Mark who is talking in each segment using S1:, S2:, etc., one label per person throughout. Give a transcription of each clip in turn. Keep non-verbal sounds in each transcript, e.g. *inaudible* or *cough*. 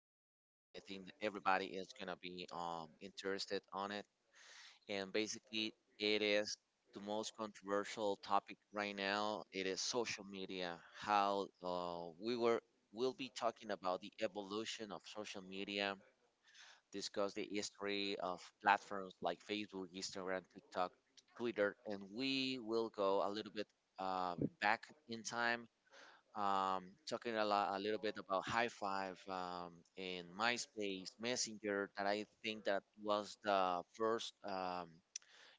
S1: today, and I think that everybody is gonna be interested on it. And basically, it is the most controversial topic right now. It is social media. How we were will be talking about the evolution of social media, discuss the history of platforms like Facebook, Instagram, TikTok, Twitter, and we will go a little bit back in time, um, talking a little bit about High Five, in MySpace, Messenger, that I think that was the first, um,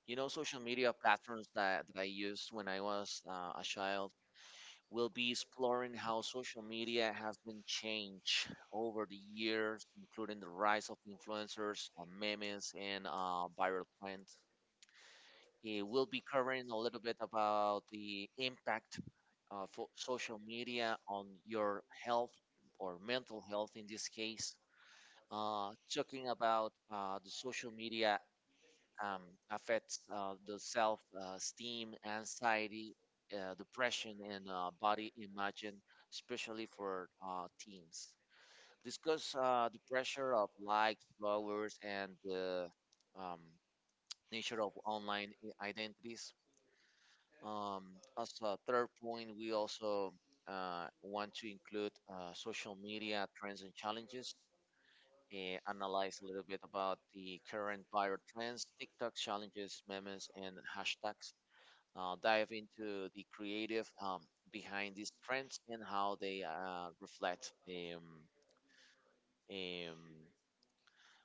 S1: you know, social media platforms that, that I used when I was a child. We'll be exploring how social media has been changed over the years, including the rise of influencers, memes, and viral trends. We'll be covering a little bit about the impact for social media on your health or mental health in this case. Talking about the social media um, affects the self esteem, anxiety, depression, and body image, and especially for teens. Discuss the pressure of likes, followers, and the um, *tsk* nature of online identities. Um, as a third point, we also want to include social media trends and challenges, analyze a little bit about the current viral trends, TikTok challenges, memes, and hashtags. Dive into the creative behind these trends and how they reflect. Um,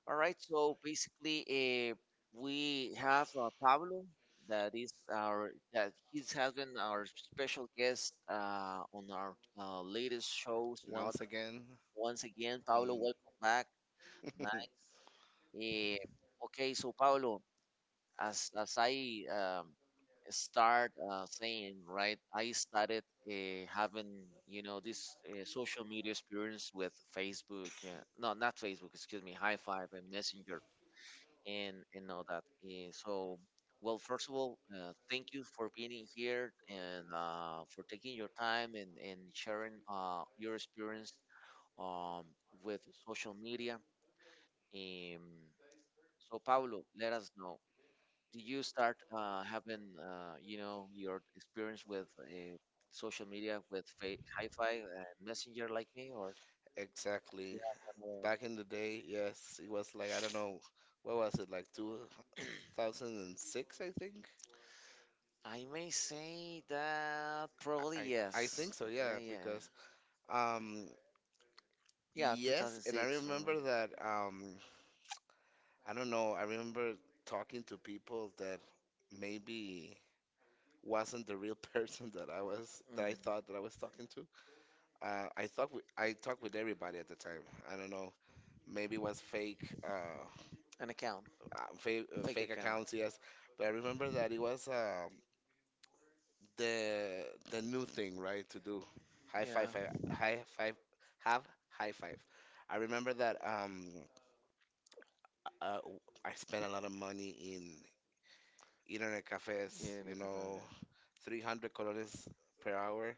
S1: all right, so basically, uh, we have Pablo. That he has been our special guest on our latest shows. You know,
S2: Once again.
S1: once again, Pablo,
S2: mm, *laughs*
S1: welcome back. Nice. Eh, okay, so Pablo, as I start saying, right, I started having, you know, this social media experience with Facebook. No, not Facebook, excuse me, High Five and Messenger, and all that. So, well, first of all, thank you for being in here and for taking your time and sharing your experience um, with social media. Um, so, Pablo, let us know, did you start having, your experience with social media with Hi-Fi, Messenger like me, or
S2: exactly.
S1: you have another?
S2: Back in the day, yes, it was like, I don't know, what was it, like 2006, I think?
S1: I may say that probably
S2: I
S1: yes.
S2: think so, yeah,
S1: Yeah,
S2: because um
S1: yeah,
S2: yes. And I
S1: 2006.
S2: remember that I don't know, I remember talking to people that maybe wasn't the real *laughs* person that I thought
S1: Mm,
S2: that I was talking to. I thought with, I talked with everybody at the time. I don't know. Maybe it was fake, uh,
S1: an account.
S2: fake,
S1: Fake
S2: fake
S1: account.
S2: accounts, yes. But I remember that it was the the new thing, right? To do high five,
S1: Yeah,
S2: high five, have high five. I remember that uh, I spent a lot of money in internet cafes,
S1: yeah, an
S2: you
S1: account,
S2: know,
S1: yeah.
S2: 300 colones per hour.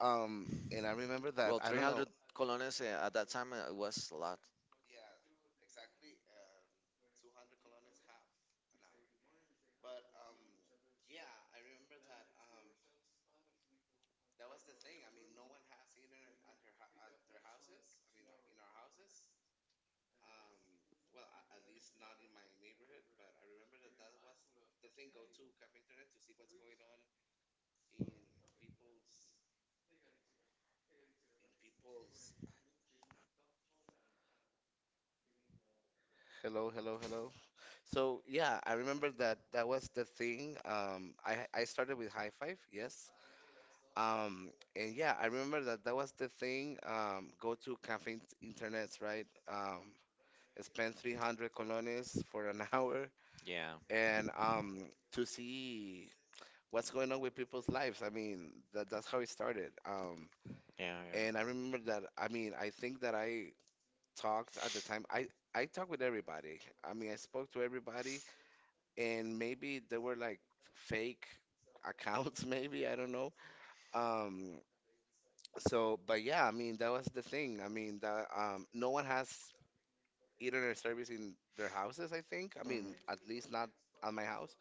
S2: And I remember that,
S1: Well,
S2: I don't know,
S1: 300 colones at that time was a lot.
S2: hello, hello, hello. So yeah, I remember that that was the thing. I started with high five, yes. Um, and yeah, I remember that that was the thing. Go to cafe internets, right? Um, Spend 300 colones for an *laughs* hour
S1: Yeah,
S2: and to see what's going on with people's lives. I mean, that's how it started.
S1: yeah,
S2: And I remember that, I mean, I think that
S1: yeah.
S2: I talked at the time. I talked with everybody. I mean, I spoke to everybody, and maybe they were like fake accounts, *laughs* maybe, I don't know. Um, but yeah, I mean, that was the thing. I mean, that no one has internet service in their houses, I think. I mean,
S1: Mhm.
S2: at least not at my house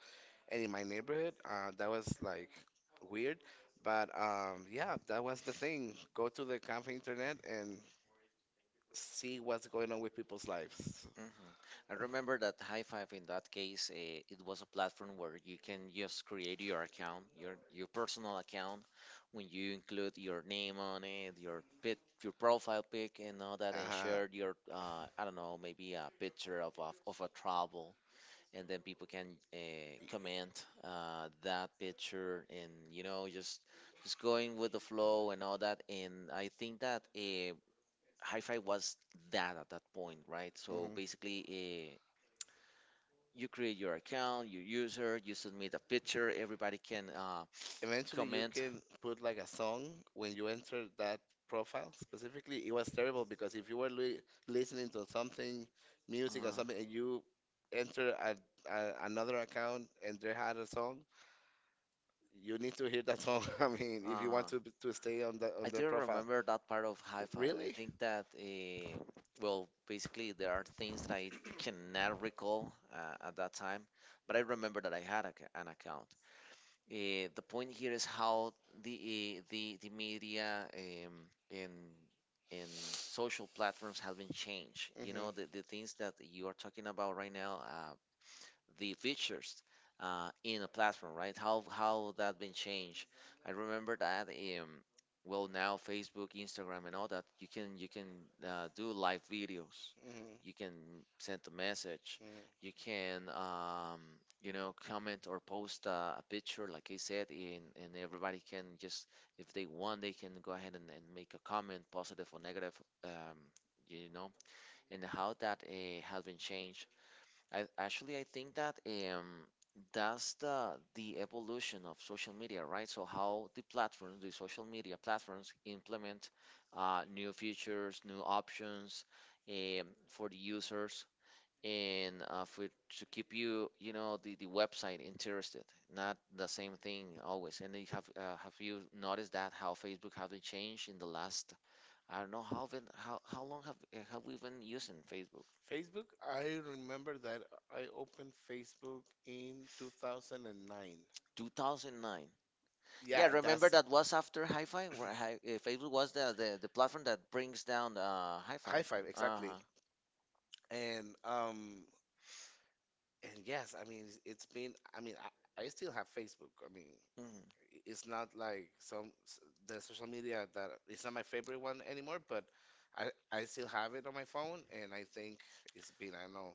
S2: and in my neighborhood. That was like weird. But yeah, that was the thing. Go to the cafe internet and see what's going on with people's lives.
S1: Mhm. I remember that High Five, in that case, it was a platform where you can just create your account, your personal account, when you include your name on it, your pic, your profile pic, and all that, and
S2: Uh-huh.
S1: share your, I don't know, maybe a picture of of a travel, and then people can comment that picture, and you know, just going with the flow and all that. And I think that Hi-Fi was that at that point, right? So
S2: hmm
S1: basically, you create your account, your user, you submit a picture, everybody can
S2: Eventually, you
S1: comment.
S2: can put like a song when you enter that profile. Specifically, it was terrible because if you were li listening to something, music or something, and
S1: Uh,
S2: you enter another account and they had a song, you need to hear that song. *laughs* I mean, if you want
S1: uh,
S2: to stay on the on
S1: I
S2: their
S1: didn't
S2: profile.
S1: remember that part of Hi-Fi. I
S2: Really?
S1: think that, well, basically there are things that I cannot recall at that time, but I remember that I had an account. The point here is how the the media and and social platforms have been changed. You know,
S2: Mhm.
S1: the things that you are talking about right now, the features in a platform, right? How that been changed? I remember that. Well, now Facebook, Instagram, and all that, you can do live videos,
S2: Mhm.
S1: you can send a message,
S2: Mm.
S1: you can you know, comment or post a picture like I said, and everybody can just, if they want, they can go ahead and, make a comment, positive or negative, um, you know and how that has been changed. I think that that's the evolution of social media, right? So how the platforms, the social media platforms implement new features, new options for the users and for to keep you, you know, the website interested. Not the same thing always. And you have you noticed that how Facebook have they changed in the last? I don't know how been, how long have we been using Facebook?
S2: Facebook, I remember that I opened Facebook in 2009.
S1: 2009.
S2: Yeah,
S1: Yeah, remember
S2: that's
S1: that was after Hi-Fi, where Facebook was
S2: *clears throat*
S1: the, the platform that brings down Hi-Fi.
S2: five, exactly.
S1: Uh-huh.
S2: Uh, And um and yes, I mean it's been, I mean I still have Facebook. I mean
S1: Hmm.
S2: it's not like the social media that it's not my favorite one anymore, but I still have it on my phone, and I think it's been, I don't know,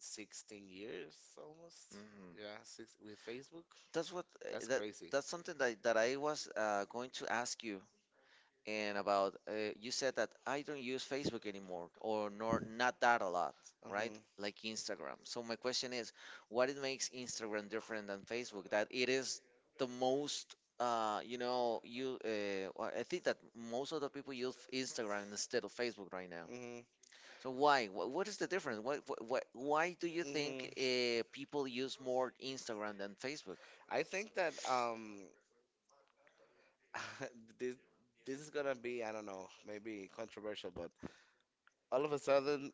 S2: 16 years almost.
S1: Hmm.
S2: Yeah, six with Facebook.
S1: That's what
S2: That's crazy.
S1: that's something that I was going to ask you. And about you said that I don't use Facebook anymore or nor not that a lot, right?
S2: Mhm.
S1: Like Instagram. So my question is, what it makes Instagram different than Facebook? That it is the most, you know, you well, I think that most of the people use Instagram instead of Facebook right now.
S2: Mhm.
S1: So why? What is the difference? Why do you think
S2: Mhm.
S1: people use more Instagram than Facebook?
S2: I think that *laughs* this this is gonna be, I don't know, maybe controversial, but all of a sudden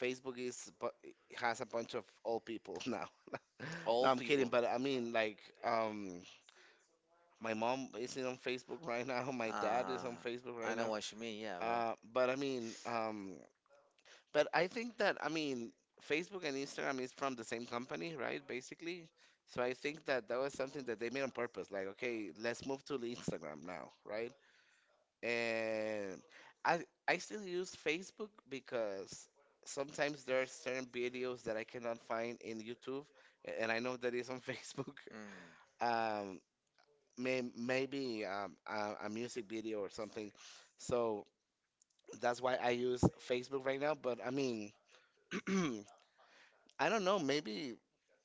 S2: Facebook has a bunch of old people *laughs* now. *laughs* No,
S1: All
S2: I'm kidding,
S1: people.
S2: but I mean, like, my mom is on Facebook right now. *laughs* My dad
S1: Uh,
S2: is on Facebook
S1: I
S2: right
S1: know
S2: now.
S1: what you mean. Yeah, well,
S2: But I mean, but I think that, I mean, Facebook and Instagram is from the same company, right? Basically, so I think that that was something that they made on purpose. Like, okay, let's move to the Instagram now, right? And I I still use Facebook because sometimes there are certain videos that I cannot find in YouTube, and I know that is on *laughs* Facebook.
S1: mm,
S2: Um, Maybe a music video or something. So that's why I use Facebook right now. But I mean, *clears throat* I don't know. Maybe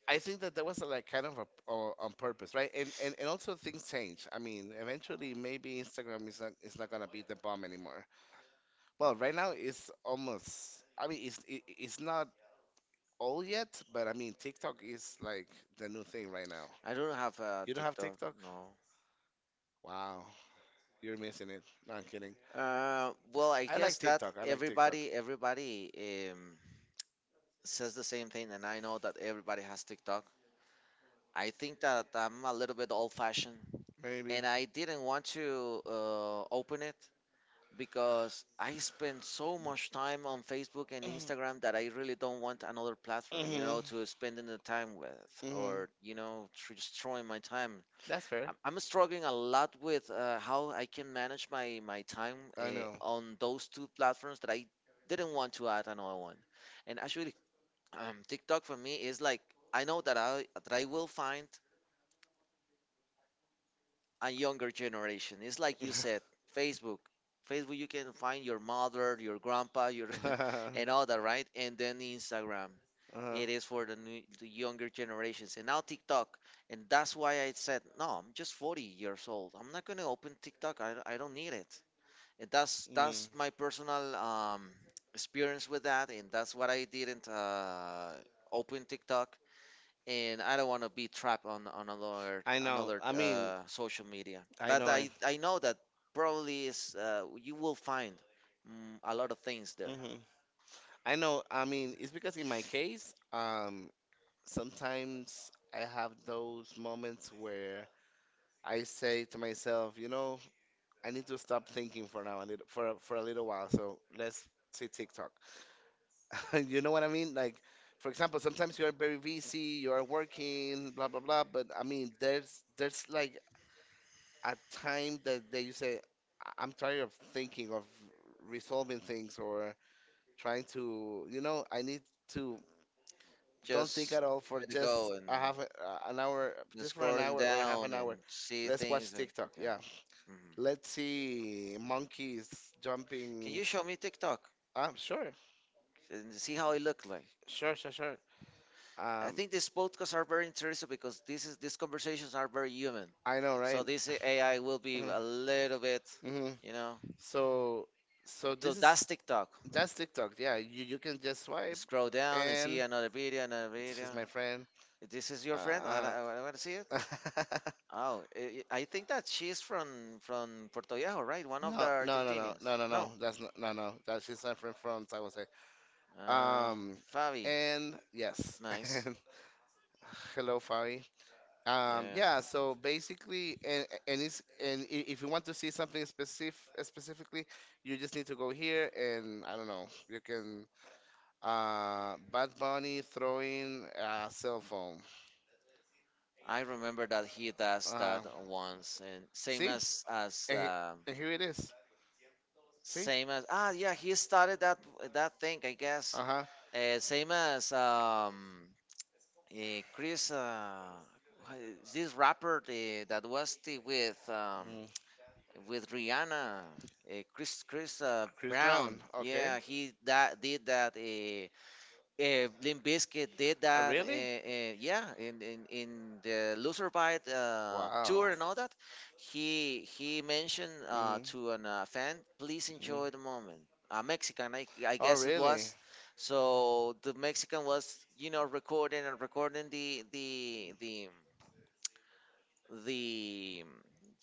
S2: I think that that was like kind of a, or on purpose, right? And, and also things change. I mean, eventually maybe Instagram is not gonna be the bomb anymore. Well, right now it's almost. I mean, it's not all yet, but I mean, TikTok is like the new thing right now.
S1: I don't have a
S2: You don't have
S1: TikTok.
S2: TikTok?
S1: No.
S2: Wow, you're missing it. No, I'm kidding.
S1: Well, I
S2: I like
S1: guess that
S2: TikTok. I like TikTok.
S1: everybody um, says the same thing, and I know that everybody has TikTok. I think that I'm a little bit old-fashioned,
S2: Maybe.
S1: and I didn't want to open it because I spend so much time on Facebook and Instagram that I really don't want another
S2: *clears throat*
S1: platform, you
S2: Mhm.
S1: know, to spend the time with,
S2: Mhm.
S1: or, you know, destroying my time.
S2: That's fair.
S1: I'm struggling a lot with how I can manage my time
S2: I know.
S1: on those two platforms that I didn't want to add another one. And actually, TikTok for me is like, I know that I will find a younger generation. It's like you
S2: *laughs*
S1: said, Facebook. Facebook, you can find your mother, your grandpa, your
S2: Uh-huh.
S1: *laughs* and all that, right? And then Instagram. It is for the new, the younger generations, and now TikTok. And that's why I said, no, I'm just 40 years old. I'm not gonna open TikTok. I don't need it. And
S2: Mm.
S1: that's my personal experience with that, and that's what I didn't open TikTok, and I don't want to be trapped on another
S2: I know. I mean,
S1: social media.
S2: I
S1: But
S2: know.
S1: I know that probably is you will find, mm, a lot of things there.
S2: Hmm I know. I mean, it's because in my case, sometimes I have those moments where I say to myself, you know, I need to stop thinking for now, I need for for a little while. So let's see TikTok. *laughs* You know what I mean? Like, for example, sometimes you are very busy, you are working, blah blah blah. But I mean, there's like a time that you say, "I- I'm tired of thinking of resolving things or trying to, you know, I need to don't think
S1: Just
S2: at all for
S1: let it
S2: just
S1: go and,
S2: an hour, just for an
S1: scrolling
S2: hour or a half
S1: down
S2: an
S1: and
S2: hour.
S1: see
S2: Let's
S1: things
S2: watch
S1: and
S2: TikTok.
S1: yeah.
S2: Yeah.
S1: Hmm.
S2: Let's see monkeys
S1: Can
S2: jumping.
S1: you show me TikTok
S2: Ah, sure,
S1: and see how it looked like?
S2: sure.
S1: I
S2: Um,
S1: think these podcasts are very interesting because this is these conversations are very human.
S2: I know,
S1: So
S2: right?
S1: this AI will be a little bit,
S2: Mhm.
S1: you know,
S2: So, so this is,
S1: that's TikTok.
S2: that's TikTok. Yeah, you can just swipe,
S1: Scroll,
S2: and
S1: another video, another, this.
S2: she's my friend.
S1: This is your friend. I want to see it.
S2: Huh. *laughs*
S1: *laughs* Oh, I think that she's from Puerto Viejo, right? One.
S2: No, No. That's not, no, no. That She's not from from San Jose.
S1: Um,
S2: Um, and yes, *laughs* hello, Fabi.
S1: *laughs*
S2: Yeah, so basically, and if you want to see something specifically, you just need to go here and I don't know, you can Bad Bunny throwing a cell phone.
S1: I remember that he does
S2: Uh,
S1: that once, and same
S2: See?
S1: as
S2: And, here it is. See?
S1: ah, yeah, he started that that thing, I guess.
S2: Uh-huh.
S1: Same as Chris, this rapper, that was the, with Rihanna, Chris
S2: Chris
S1: Brown.
S2: Brown. Okay.
S1: Yeah, he that did that. Limp Bizkit did
S2: Ah,
S1: that,
S2: really?
S1: and yeah, in, the Loser Bite
S2: Wow.
S1: tour and all that, he mentioned
S2: hmm
S1: to an fan, "Please
S2: Mm.
S1: enjoy the moment." A Mexican, I
S2: Oh,
S1: guess it
S2: really?
S1: was. So the Mexican was, you know, recording and recording the the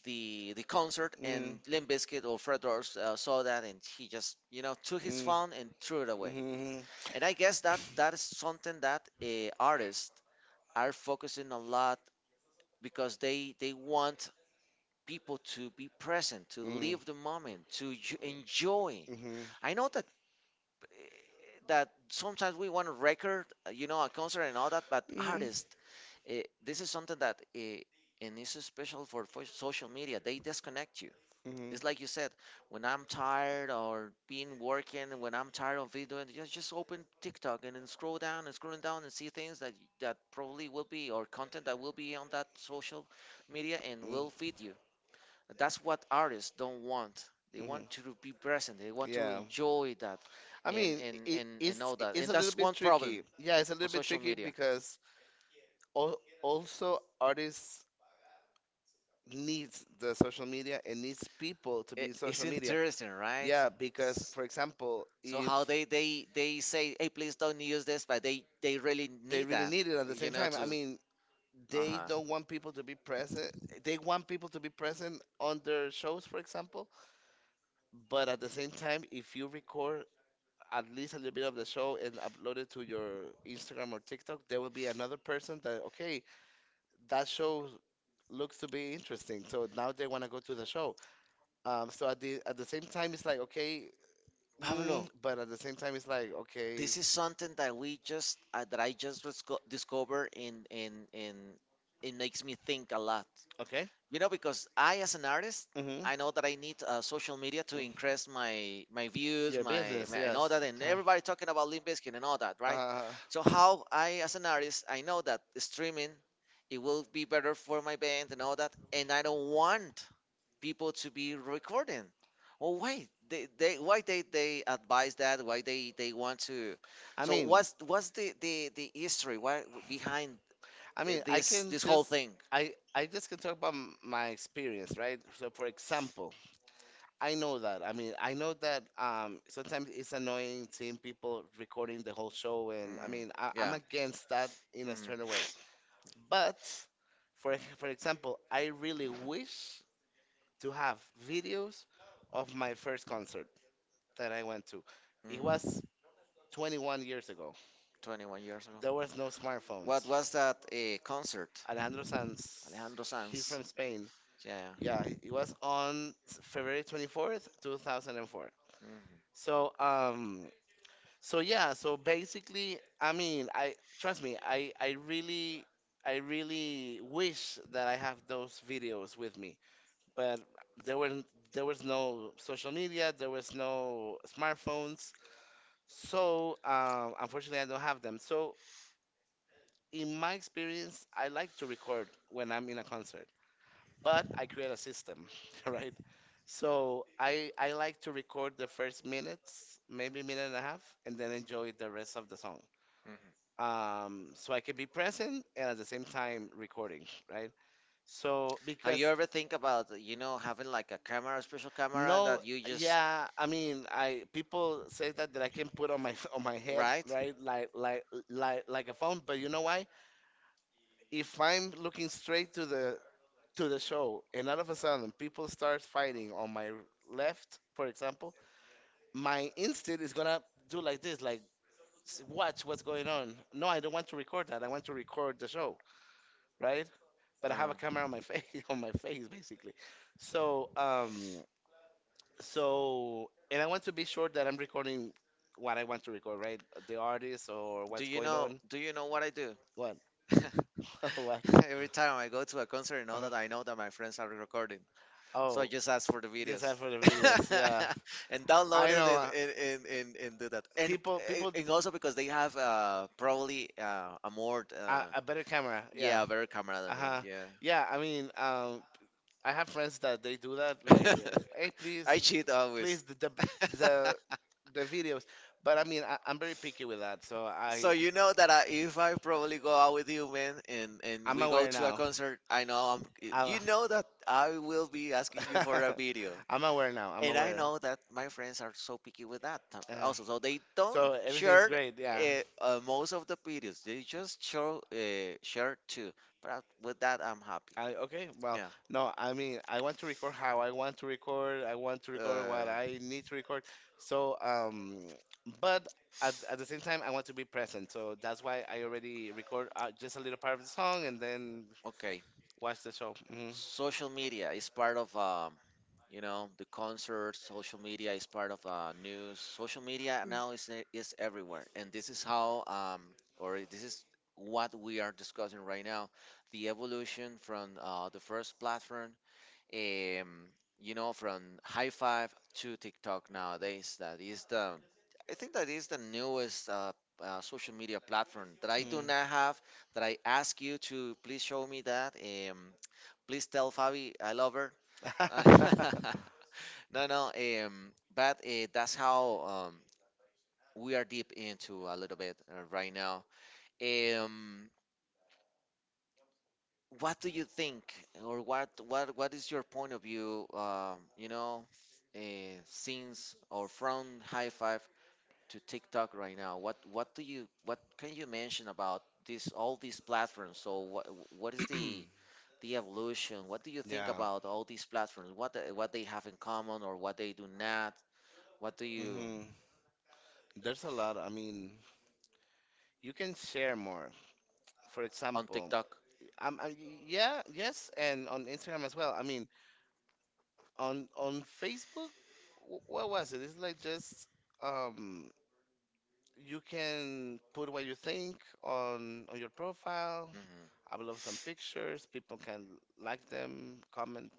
S1: the concert,
S2: Hmm
S1: and Limp Bizkit or Fred Durst saw that and he just, you know, took his
S2: Mm.
S1: phone and threw it away.
S2: Mhm.
S1: And I guess that that is something that artists are focusing a lot, because they want people to be present, to
S2: Mm.
S1: live the moment, to enjoy. I know that sometimes we want a record, you know, a concert and all that, but
S2: Mhm. Mhm.
S1: artists, uh, this is something that, and this is special for social media, they disconnect you.
S2: Mhm.
S1: It's like you said, when I'm tired or being working, and when I'm tired of videoing, just, open TikTok and then scroll down and scrolling down and see things that, that probably will be, or content that will be on that social media and
S2: Mm-hmm.
S1: will feed you. That's what artists don't want. They want to be present. They want to
S2: Yeah.
S1: enjoy that
S2: I
S1: and,
S2: mean,
S1: and all that.
S2: it's
S1: And
S2: a little
S1: that's
S2: bit
S1: one problem
S2: tricky. Yeah, it's a little
S1: on
S2: bit
S1: social
S2: tricky
S1: media.
S2: because al also artists needs the social media and needs people to be
S1: It,
S2: in
S1: it's
S2: social media.
S1: interesting, right?
S2: Yeah, because
S1: S-
S2: for example,
S1: So
S2: if
S1: how they they say, hey, please don't use this, but they really
S2: they
S1: need
S2: really
S1: that,
S2: need it at the
S1: you
S2: same
S1: know,
S2: time,
S1: to
S2: I mean,
S1: uh
S2: they
S1: huh.
S2: don't want people to be present. They want people to be present on their shows, for example, but at the same time, if you record at least a little bit of the show and upload it to your Instagram or TikTok, there will be another person that, okay, that show looks to be interesting. So now they want to go to the show. So at the same time, it's like, okay,
S1: Pablo.
S2: but at the same time, it's like, okay,
S1: This is something that we just that I just discovered and it makes me think a lot.
S2: okay,
S1: Because I, as an artist,
S2: mm-hmm.
S1: I know that I need social media to
S2: Mm.
S1: increase my views,
S2: Your
S1: my,
S2: business,
S1: my and all that,
S2: yes.
S1: and everybody talking about Limp Bizkit and all that,
S2: Uh,
S1: right?
S2: uh,
S1: So how, I as an artist, I know that streaming, it will be better for my band and all that, and I don't want people to be recording. Oh wait, they, why they advise that? Why they want to?
S2: I
S1: So
S2: mean,
S1: what's the history? Why behind
S2: I mean,
S1: this whole thing?
S2: I just can talk about my experience, right? So for example, I know that. I mean, I know that sometimes it's annoying seeing people recording the whole show and I
S1: Mm,
S2: mean, I'm
S1: yeah.
S2: against that in a
S1: Hmm.
S2: certain way. But for example, I really wish to have videos of my first concert that I went to. It
S1: Hmm.
S2: was 21 years ago.
S1: 21 years ago.
S2: There was no
S1: What
S2: smartphones.
S1: was that concert?
S2: Alejandro Sanz,
S1: Alejandro
S2: he's
S1: Sanz.
S2: from Spain.
S1: Yeah.
S2: Yeah, it
S1: Yeah.
S2: was on February 24th, 2004. So, so yeah, so basically, I mean, I trust me, I really wish that I have those videos with me. But there were there was no social media, there was no smartphones. So, unfortunately, I don't have them. So, in my experience, I like to record when I'm in a concert. But I create a system, *laughs* right? So I like to record the first minutes, maybe minute and a half, and then enjoy the rest of the song.
S1: Hmm.
S2: So I can be present and at the same time recording, right? So
S1: Have you
S2: because
S1: ever think about, you know, having like a camera, a special camera
S2: no,
S1: that you just,
S2: yeah, I mean, I people say that I can put on my *laughs* on my head,
S1: right?
S2: right? Like a phone, but you know why? If I'm looking straight to the show, and all of a sudden people start fighting on my left, for example, my instinct is gonna do like this, like watch what's going on. No, I don't want to record that. I want to record the show, right? But I have a
S1: Uh,
S2: camera on my face, *laughs* on my face, basically. So, so, and I want to be sure that I'm recording what I want to record, right? The artist or
S1: do
S2: what's
S1: you
S2: going
S1: know
S2: on.
S1: do you know what I do?
S2: What?
S1: *laughs*
S2: *laughs* What?
S1: Every time I go to a concert and all
S2: Uh-huh.
S1: that, I know that my friends are recording, so I
S2: Oh,
S1: just ask for the
S2: just
S1: videos,
S2: have for the videos. Yeah,
S1: *laughs* and download
S2: I
S1: it,
S2: know.
S1: and,
S2: uh,
S1: and, and, and, and do that.
S2: people people
S1: And also because they have probably a more
S2: a better camera, yeah.
S1: yeah, a better camera than me.
S2: Uh-huh.
S1: Yeah.
S2: Yeah, I mean, I have friends that they do that, like, hey,
S1: *laughs* I
S2: please,
S1: cheat always.
S2: please, the,
S1: *laughs*
S2: the videos. But I mean, I'm very picky with that, so
S1: So
S2: I
S1: you know that I, if I probably go out with you, man, and
S2: I'm
S1: we go
S2: aware
S1: to a
S2: now
S1: concert, I know I'm.
S2: I
S1: You know that I will be asking you for a video,
S2: *laughs* I'm aware now, I'm
S1: and I
S2: aware.
S1: know that my friends are so picky with that t-
S2: uh,
S1: also. So they don't
S2: so everything's
S1: share
S2: great, yeah.
S1: most of the videos. They just show share two. But with that, I'm happy.
S2: I Okay, well,
S1: Yeah.
S2: no, I mean, I want to record how I want to record. I want to record
S1: Uh,
S2: what I need to record. So, but at the same time, I want to be present. So that's why I already record just a little part of the song and then
S1: okay.
S2: watch the show. Hmm
S1: Social media is part of you know, the concerts. Social media is part of news. Social media now is, e- is everywhere, and this is how or this is what we are discussing right now, the evolution from the first platform, um, you know, from High Five to TikTok nowadays, that is the, I think that is the newest social media platform that I do
S2: Mm.
S1: not have. That I ask you to please show me that. Um, please tell Fabi I love her. *laughs*
S2: *laughs*
S1: No, no. But that's how um, we are deep into a little bit right now. Um, what do you think, or what is your point of view? You know, uh, since or from High Five to TikTok right now, what do you, what can you mention about this, all these platforms? So what is the evolution? What do you think
S2: Yeah.
S1: about all these platforms? What the, what they have in common or what they do not? What do you,
S2: hmm There's a lot. I mean, you can share more. For
S1: on
S2: example,
S1: TikTok?
S2: um, I, yeah, yes, and on Instagram as well. I mean, on Facebook, what was it? It's like just um you can put what you think on your profile,
S1: Hmm.
S2: upload some pictures, people can like them, comment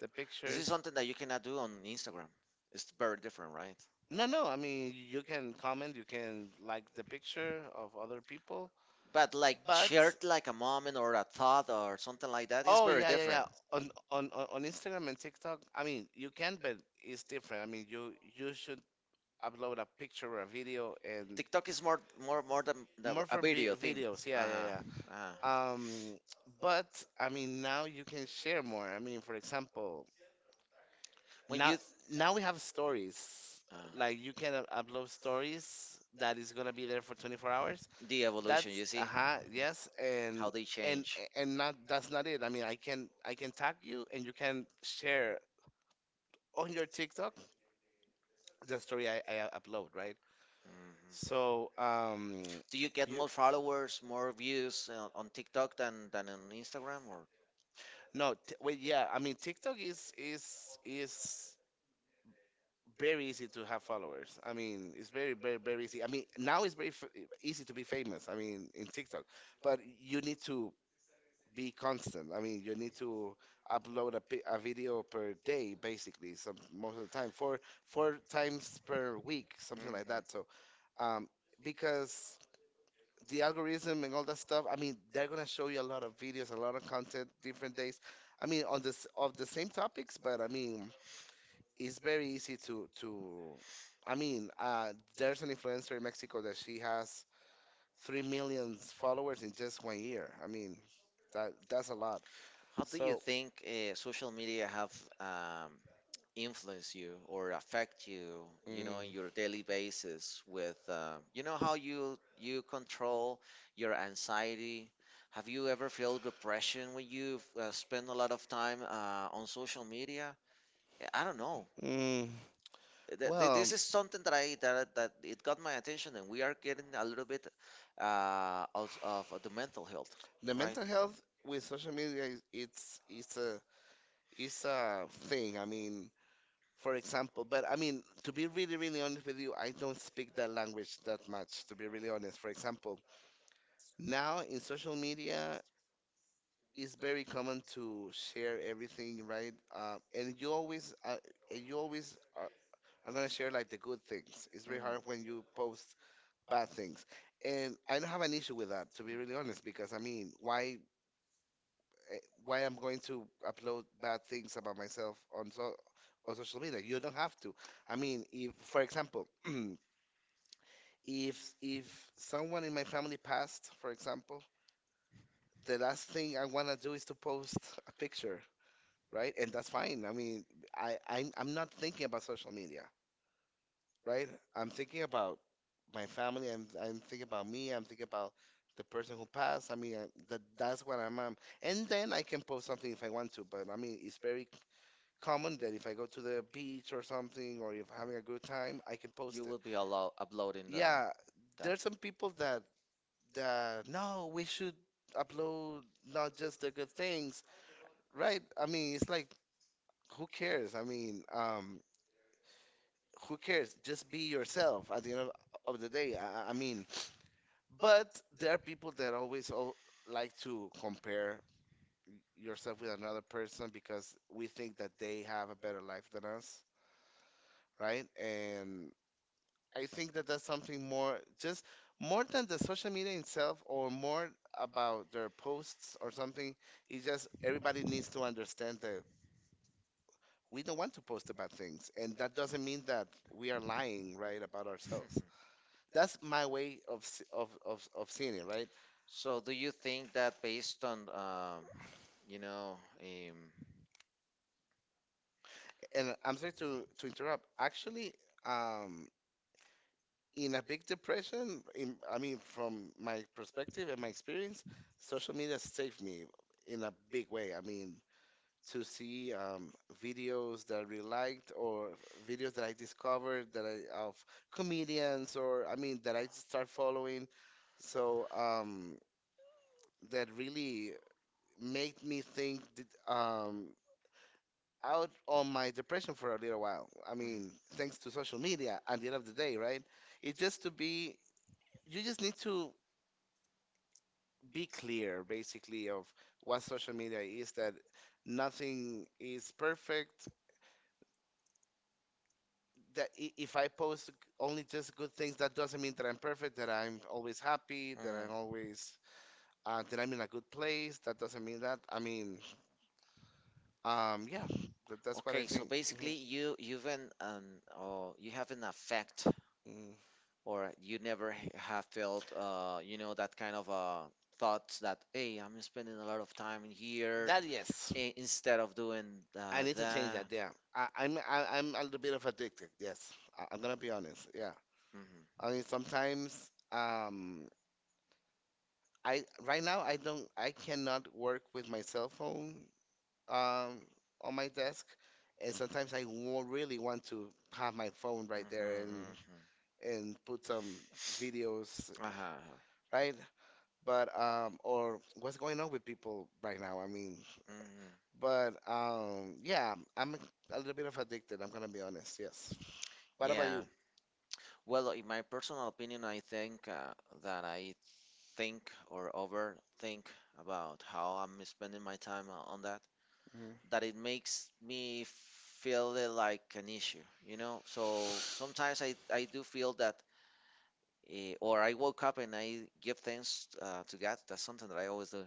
S2: the
S1: This is
S2: pictures.
S1: something that you cannot do on Instagram. It's very different, right?
S2: No, no. I mean, you can comment, you can like the picture of other people,
S1: But like
S2: but
S1: shared like a moment or a thought or something like that is
S2: oh
S1: very
S2: yeah, yeah, yeah.
S1: different.
S2: On Instagram and TikTok, I mean, you can, but it's different. I mean, you should upload a picture or a video and
S1: TikTok is more, more than the,
S2: more
S1: a
S2: for vi-
S1: video thing.
S2: videos.
S1: Uh huh.
S2: Yeah, yeah, yeah.
S1: Uh-huh.
S2: Um, but I mean, now you can share more. I mean, for example.
S1: When
S2: Now,
S1: you,
S2: now we have stories.
S1: ah.
S2: Like you can upload stories that is gonna be there for 24 hours.
S1: The evolution,
S2: That's
S1: you see?
S2: uh-huh, yes, and
S1: How they
S2: and
S1: change.
S2: and not that's not it. I mean, I can tag you and you can share on your TikTok the story I upload, right?
S1: Mhm.
S2: So,
S1: Do you get
S2: you
S1: more followers, more views on TikTok than on Instagram? Or,
S2: no, t wait, yeah. I mean, TikTok is very easy to have followers. I mean, it's very, very, very easy. I mean, now it's very, f easy to be famous. I mean, in TikTok, but you need to be constant. I mean, you need to upload a video per day, basically, some most of the time, four times per week, something
S1: mhm,
S2: like that. So, um, because the algorithm and all that stuff, I mean, they're gonna show you a lot of videos, a lot of content, different days. I mean, on this of the same topics, but I mean it's very easy to I mean, there's an influencer in Mexico that she has 3 million followers in just one year. I mean, that's a lot.
S1: how do you
S2: So,
S1: think social media have, um, influence you or affect you, you know,
S2: mm,
S1: in your daily basis with, you know, how you you control your anxiety, have you ever felt depression when you've spent a lot of time on social media? I don't know.
S2: mm, well,
S1: This is something that it got my attention, and we are getting a little bit out of the mental health,
S2: the
S1: right.
S2: mental health with social media is it's a thing. I mean, for example. But I mean, to be really, really honest with you, I don't speak that language that much, to be really honest. For example, now in social media, it's very common to share everything, right? And you always are gonna share like the good things. It's very
S1: Mhm.
S2: hard when you post bad things. And I don't have an issue with that, to be really honest, because I mean, why, eh, why I'm going to upload bad things about myself on social media? You don't have to. I mean, if, for example, *clears throat* If someone in my family passed, for example, the last thing I want to do is to post a picture, right? And that's fine. I mean, I'm not thinking about social media, right? I'm thinking about my family. I'm thinking about me. I'm thinking about the person who passed. I mean, that's what I'm. And then I can post something if I want to. But I mean, it's very common that if I go to the beach or something, or if I'm having a good time, I can
S1: You
S2: post it.
S1: will be allow uploading the
S2: Yeah,
S1: that.
S2: there's some
S1: *laughs*
S2: people that the no, we should upload not just the good things, right? I mean, it's like who cares? I mean, who cares? Just be yourself at the end of the day. I mean, but there are people that always like to compare yourself with another person because we think that they have a better life than us, right? And I think that that's something more, just more than the social media itself or more about their posts or something. It's just everybody needs to understand that we don't want to post about things. And that doesn't mean that we are lying, right, about ourselves. That's my way of, s- of seeing it, right?
S1: So do you think that based on you know,
S2: And I'm sorry to interrupt. Actually, um, in a big depression, I mean, from my perspective and my experience, social media saved me in a big way. I mean, to see videos that I really liked or videos that I discovered that I of comedians or I mean that I start following. So that really made me think that, out on my depression for a little while. I
S1: mhm,
S2: mean, thanks to social media at the end of the day, right? It just to be You just need to be clear basically of what social media is, that nothing is perfect, that if I post only just good things, that doesn't mean that I'm perfect, that I'm always happy,
S1: mhm,
S2: that I'm in a good place. That doesn't mean that. I mean, yeah, that's what I
S1: okay, so
S2: think.
S1: basically
S2: Mhm.
S1: you you've an, or you have an effect,
S2: Mm.
S1: or you never h- have felt you know, that kind of thoughts that, hey, I'm spending a lot of time in here
S2: That yes.
S1: I- instead of doing
S2: I need to change
S1: that.
S2: that. Yeah, I'm a little bit of addicted. Yes, I'm gonna be honest. Yeah,
S1: Mm-hmm.
S2: I mean sometimes I right now I cannot work with my cell phone, um, on my desk, and sometimes really want to have my phone
S1: Mm-hmm,
S2: right there and
S1: mm-hmm.
S2: and put some videos,
S1: Uh-huh.
S2: right? But or what's going on with people right now? I mean,
S1: Mm-hmm.
S2: but yeah, I'm a little bit of addicted. I'm gonna be honest. Yes. What about
S1: Yeah.
S2: you?
S1: Well, in my personal opinion, I think that I think or overthink about how I'm spending my time o- on that, that it makes me feel it like an issue, you know? So sometimes I do feel that, or I woke up and I give thanks to God. That's something that I always do.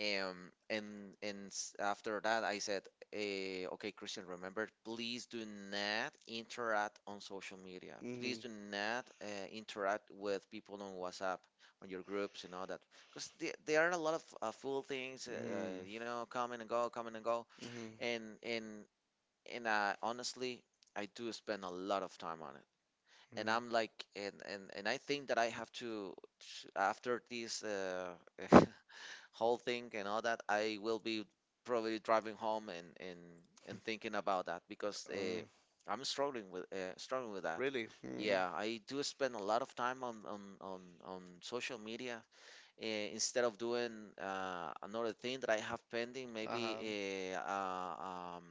S1: And s- after that, I said, okay, Christian, remember, please do not interact on social media. Please
S2: Mhm.
S1: do not interact with people on WhatsApp, on your groups, and all that, because there are a lot of fool things,
S2: Mhm.
S1: you know, coming and go,
S2: Mhm.
S1: and and and honestly, I do spend a lot of time on it,
S2: And
S1: and
S2: Mhm.
S1: I'm like, and I think that I have to sh- after this *laughs* whole thing and all that, I will be probably driving home and thinking about that because I'm struggling with that.
S2: Really? Hmm.
S1: Yeah, I do spend a lot of time on social media instead of doing another thing that I have pending, maybe uh, uh, um,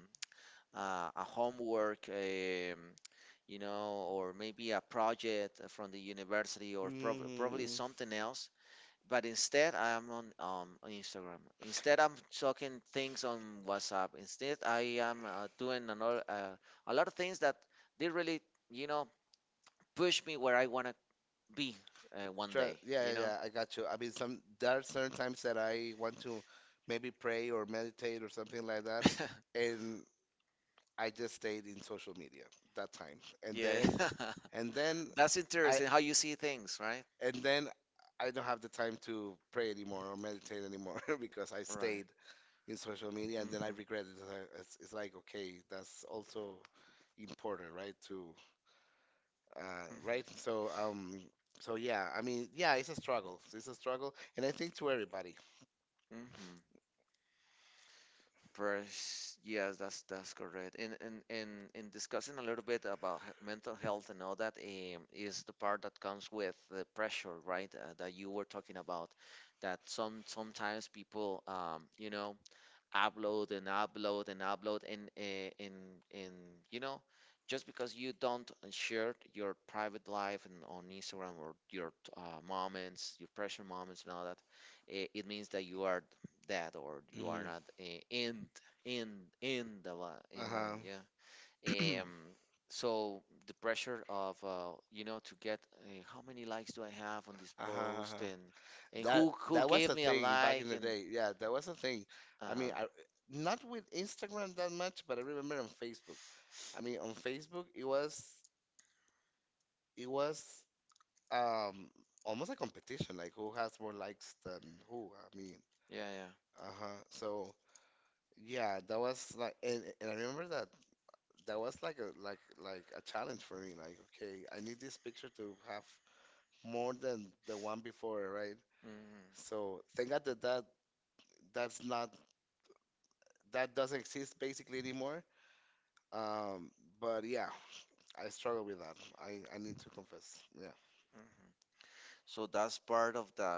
S1: uh, a homework, you know, or maybe a project from the university, or prob- probably
S2: Mm,
S1: something else. But instead, I am on Instagram. Instead, I'm talking things on WhatsApp. Instead, I am doing another, a lot of things that they really, you know, push me where I want to be one day,
S2: yeah,
S1: you
S2: yeah,
S1: know?
S2: yeah, I got you. I mean, some there are certain times that I want to maybe pray or meditate or something like that,
S1: *laughs*
S2: and I just stayed in social media that time, and
S1: Yeah.
S2: then and then
S1: *laughs* That's
S2: *laughs* I right?
S1: interesting how you see things, right?
S2: and then I don't have the time to pray anymore or meditate anymore *laughs* because I
S1: *laughs* Right.
S2: stayed in social media, and then I
S1: Mhm.
S2: regret it. It's like, okay, that's also important, right? To
S1: Mhm. Mm-hmm.
S2: Right. So, yeah, I mean, yeah, it's a struggle. It's a struggle, and I think to everybody.
S1: Mhm. Pers- yes, that's correct. And in discussing a little bit about he- mental health and all that, is the part that comes with the pressure, right? That you were talking about, that some sometimes people, you know, upload and upload and upload, and and you know, just because you don't share your private life and on Instagram, or your uh, moments, your pressure moments and all that, it means that you are dead, or you are
S2: Hmm.
S1: not in in in the li- in,
S2: Uh-huh.
S1: yeah. Um, so the pressure of you know, to get how many likes do I have on this
S2: Uh-huh.
S1: post,
S2: Uh-huh.
S1: and
S2: That
S1: who
S2: that was
S1: gave
S2: a
S1: me a
S2: thing back in
S1: like,
S2: the
S1: and
S2: day. Yeah, that was a thing. I mean,
S1: uh-huh.
S2: not with Instagram that much, but I remember on Facebook. I mean, on Facebook, it was um almost a competition, like who has more likes than who. I mean.
S1: Yeah, yeah.
S2: Uh-huh. So yeah, that was like, and I remember that that was like a a challenge for me. Like, okay, I need this picture to have more than the one before, right? So thank
S1: Mm-hmm.
S2: God that that that's not that doesn't exist basically anymore. Um, but yeah, I struggle with that. I need to confess. Yeah.
S1: Hmm. So that's part of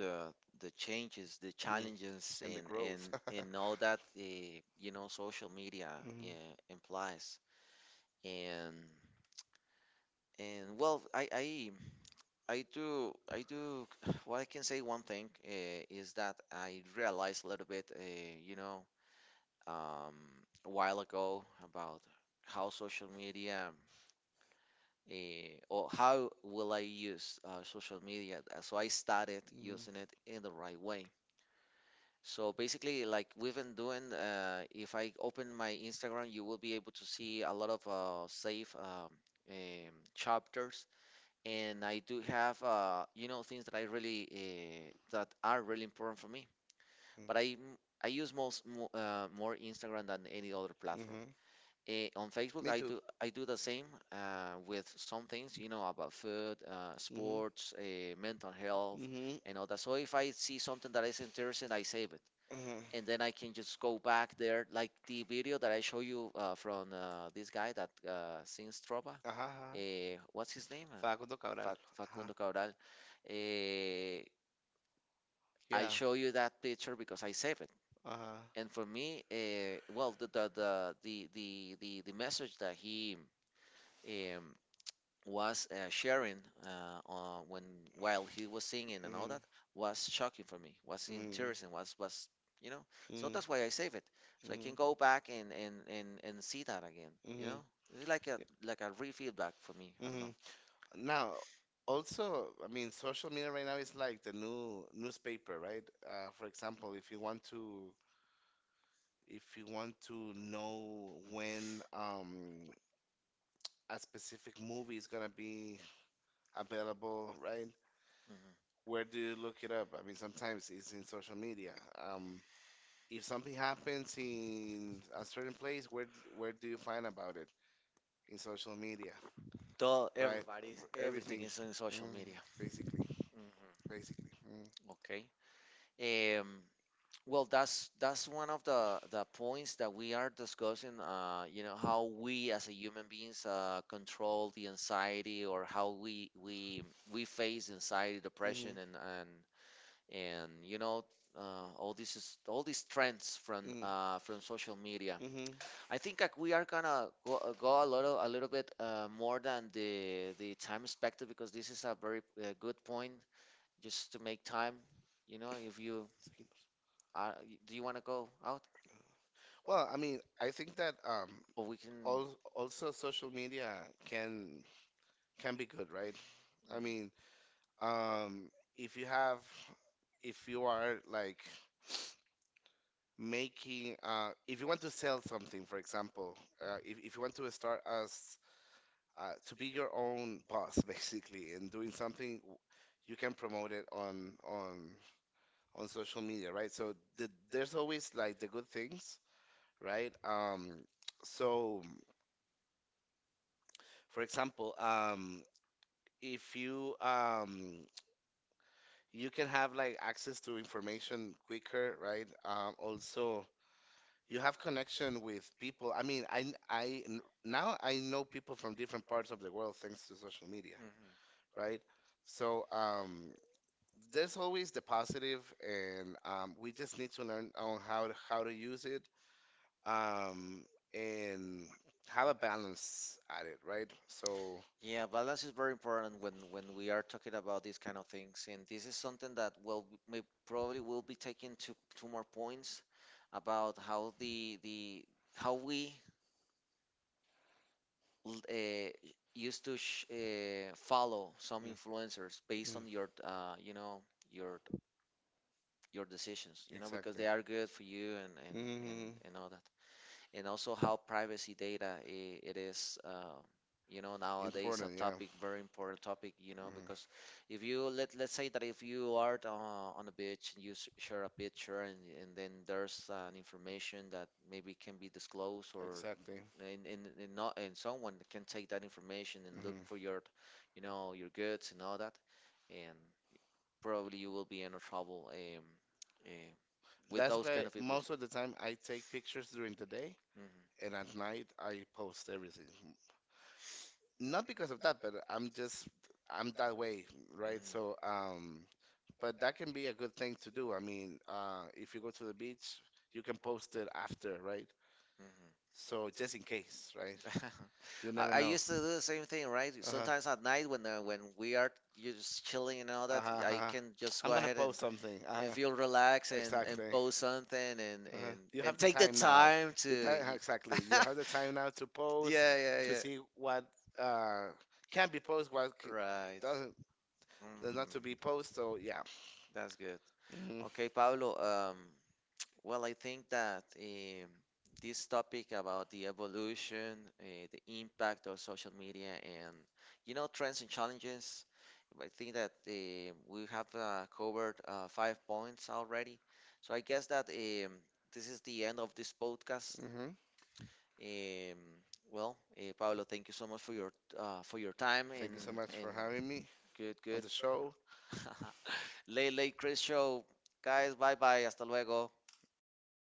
S1: the the changes, the
S2: Mhm.
S1: challenges
S2: And the
S1: in in
S2: growth.
S1: in all
S2: *laughs*
S1: that the, you know, social media
S2: Mhm.
S1: implies. And and well, I do, I do *sighs* well, I can say one thing, is that I realized a little bit you know, um, a while ago about how social media, or how will I use social media? So I started
S2: Mhm.
S1: using it in the right way. So basically, like we've been doing, if I open my Instagram, you will be able to see a lot of safe chapters, and I do have, you know, things that I really that are really important for me. But I m- I use most mo- more Instagram than any other platform.
S2: Mm-hmm.
S1: Eh, on Facebook,
S2: Me
S1: I
S2: too.
S1: do I do the same with some things, you know, about food,
S2: Mm-hmm.
S1: sports, mental health,
S2: Mm-hmm.
S1: and all that. So if I see something that is interesting, I save it,
S2: Uh-huh.
S1: and then I can just go back there, like the video that I show you from this guy that sings trova.
S2: Ajá, ajá.
S1: What's his name?
S2: Facundo Cabral. Ajá.
S1: Facundo Cabral. Eh, I
S2: Yeah.
S1: show you that picture because I save it.
S2: Ajá.
S1: And for me, well, the message that he um, was sharing when while he was singing and all
S2: Mm.
S1: that was shocking for me, was
S2: Mm.
S1: interesting, was, you know, so
S2: Mm,
S1: that's why I save it, so I
S2: mm,
S1: can go back and and see that again, you
S2: mm,
S1: know. It's like a, like a re-feedback for me, I don't know.
S2: mm. Now, also, I mean, social media right now is like the new newspaper, right? For example, if you want to know when a specific movie is gonna be available, right? Where do you look it up? I mean, sometimes it's in social media. Um, if something happens in a certain place, where do you find about it? In social media.
S1: Mm-hmm.
S2: Right.
S1: Everybody's everything
S2: Everything.
S1: is on social
S2: Mm,
S1: media.
S2: basically.
S1: Hmm.
S2: Basically. Mm.
S1: Okay. Um, well, that's one of the points that we are discussing. You know, how we as a human beings control the anxiety, or how we face anxiety,
S2: Mhm.
S1: depression, and you know all this is all these trends
S2: Mhm.
S1: from social media.
S2: Mhm.
S1: I think like we are gonna go, go a little bit more than the time perspective, because this is a very good point, just to make time. You know, if you do you want to go out?
S2: Well, I mean, I think that
S1: Well, we can.
S2: al also social media can be good, right? I
S1: Hmm.
S2: mean, um, if you have, if you are like making, if you want to sell something, for example, if you want to start as to be your own boss *laughs* basically and doing something you can promote it on social media, right? So, there's always like the good things, right? So for example, if you you can have like access to information quicker, right? Also, you have connection with people. I mean, I now I know people from different parts of the world thanks to social media,
S1: Hmm.
S2: right? So, there's always the positive, and we just need to learn on how to use it, um, and have a balance at it, right? So,
S1: Yeah, balance is very important when we are talking about these kind of things, and this is something that, well, may probably will be taking two more points about how the how we uh, used to sh follow some
S2: mm,
S1: influencers based
S2: mm,
S1: on your you know, your your decisions, you know, because
S2: exactly.
S1: they are good for you, and
S2: Hmm.
S1: and all, and also how privacy data I- it is you know, nowadays a
S2: Important, yeah.
S1: topic, very important topic, you know,
S2: Hmm.
S1: because if you let, let's say that if you are on the beach and you s- share a picture, and then there's an information that maybe can be disclosed, or
S2: Exactly.
S1: and not, and someone can take that information and look
S2: Hmm.
S1: for your, you know, your goods and all that, and probably you will be in a trouble, uh, with
S2: That's
S1: those
S2: why
S1: kind of people.
S2: most of the time I take pictures during the day
S1: Mhm,
S2: and at night I post everything. Not because of that, but I'm that way, right? So, but that can be a good thing to do. I mean, if you go to the beach, you can post it after, right?
S1: mhm.
S2: So just in case, right? You
S1: *laughs* I,
S2: never
S1: I
S2: know.
S1: used to do the same thing, right?
S2: Uh-huh.
S1: Sometimes at night, when we are, you just chilling and all that,
S2: Uh-huh.
S1: I
S2: Uh-huh.
S1: can just go
S2: I'm gonna
S1: ahead, and,
S2: post something.
S1: and
S2: Uh-huh.
S1: feel relaxed, and
S2: Exactly.
S1: post something, and,
S2: Uh-huh.
S1: and,
S2: You have
S1: and
S2: the
S1: take the
S2: time now.
S1: time
S2: You
S1: to.
S2: time Exactly.
S1: Y-
S2: You have
S1: *laughs*
S2: the time now to post,
S1: yeah, yeah,
S2: to
S1: yeah.
S2: see what uh can be posted, what
S1: Right.
S2: doesn't does not to be
S1: Mm,
S2: posted. So yeah.
S1: that's good.
S2: Hmm.
S1: Okay, Pablo. Um, Well, I think that this topic about the evolution, the impact of social media, and you know, trends and challenges. I think that um, we have covered five points already. So I guess that this is the end of this podcast.
S2: Hmm.
S1: Um, well, Pablo, thank you so much for your time,
S2: Thank you so much
S1: and
S2: for having me
S1: good
S2: on
S1: good.
S2: the show.
S1: *laughs* Late Chris show, guys. Bye bye. Hasta luego.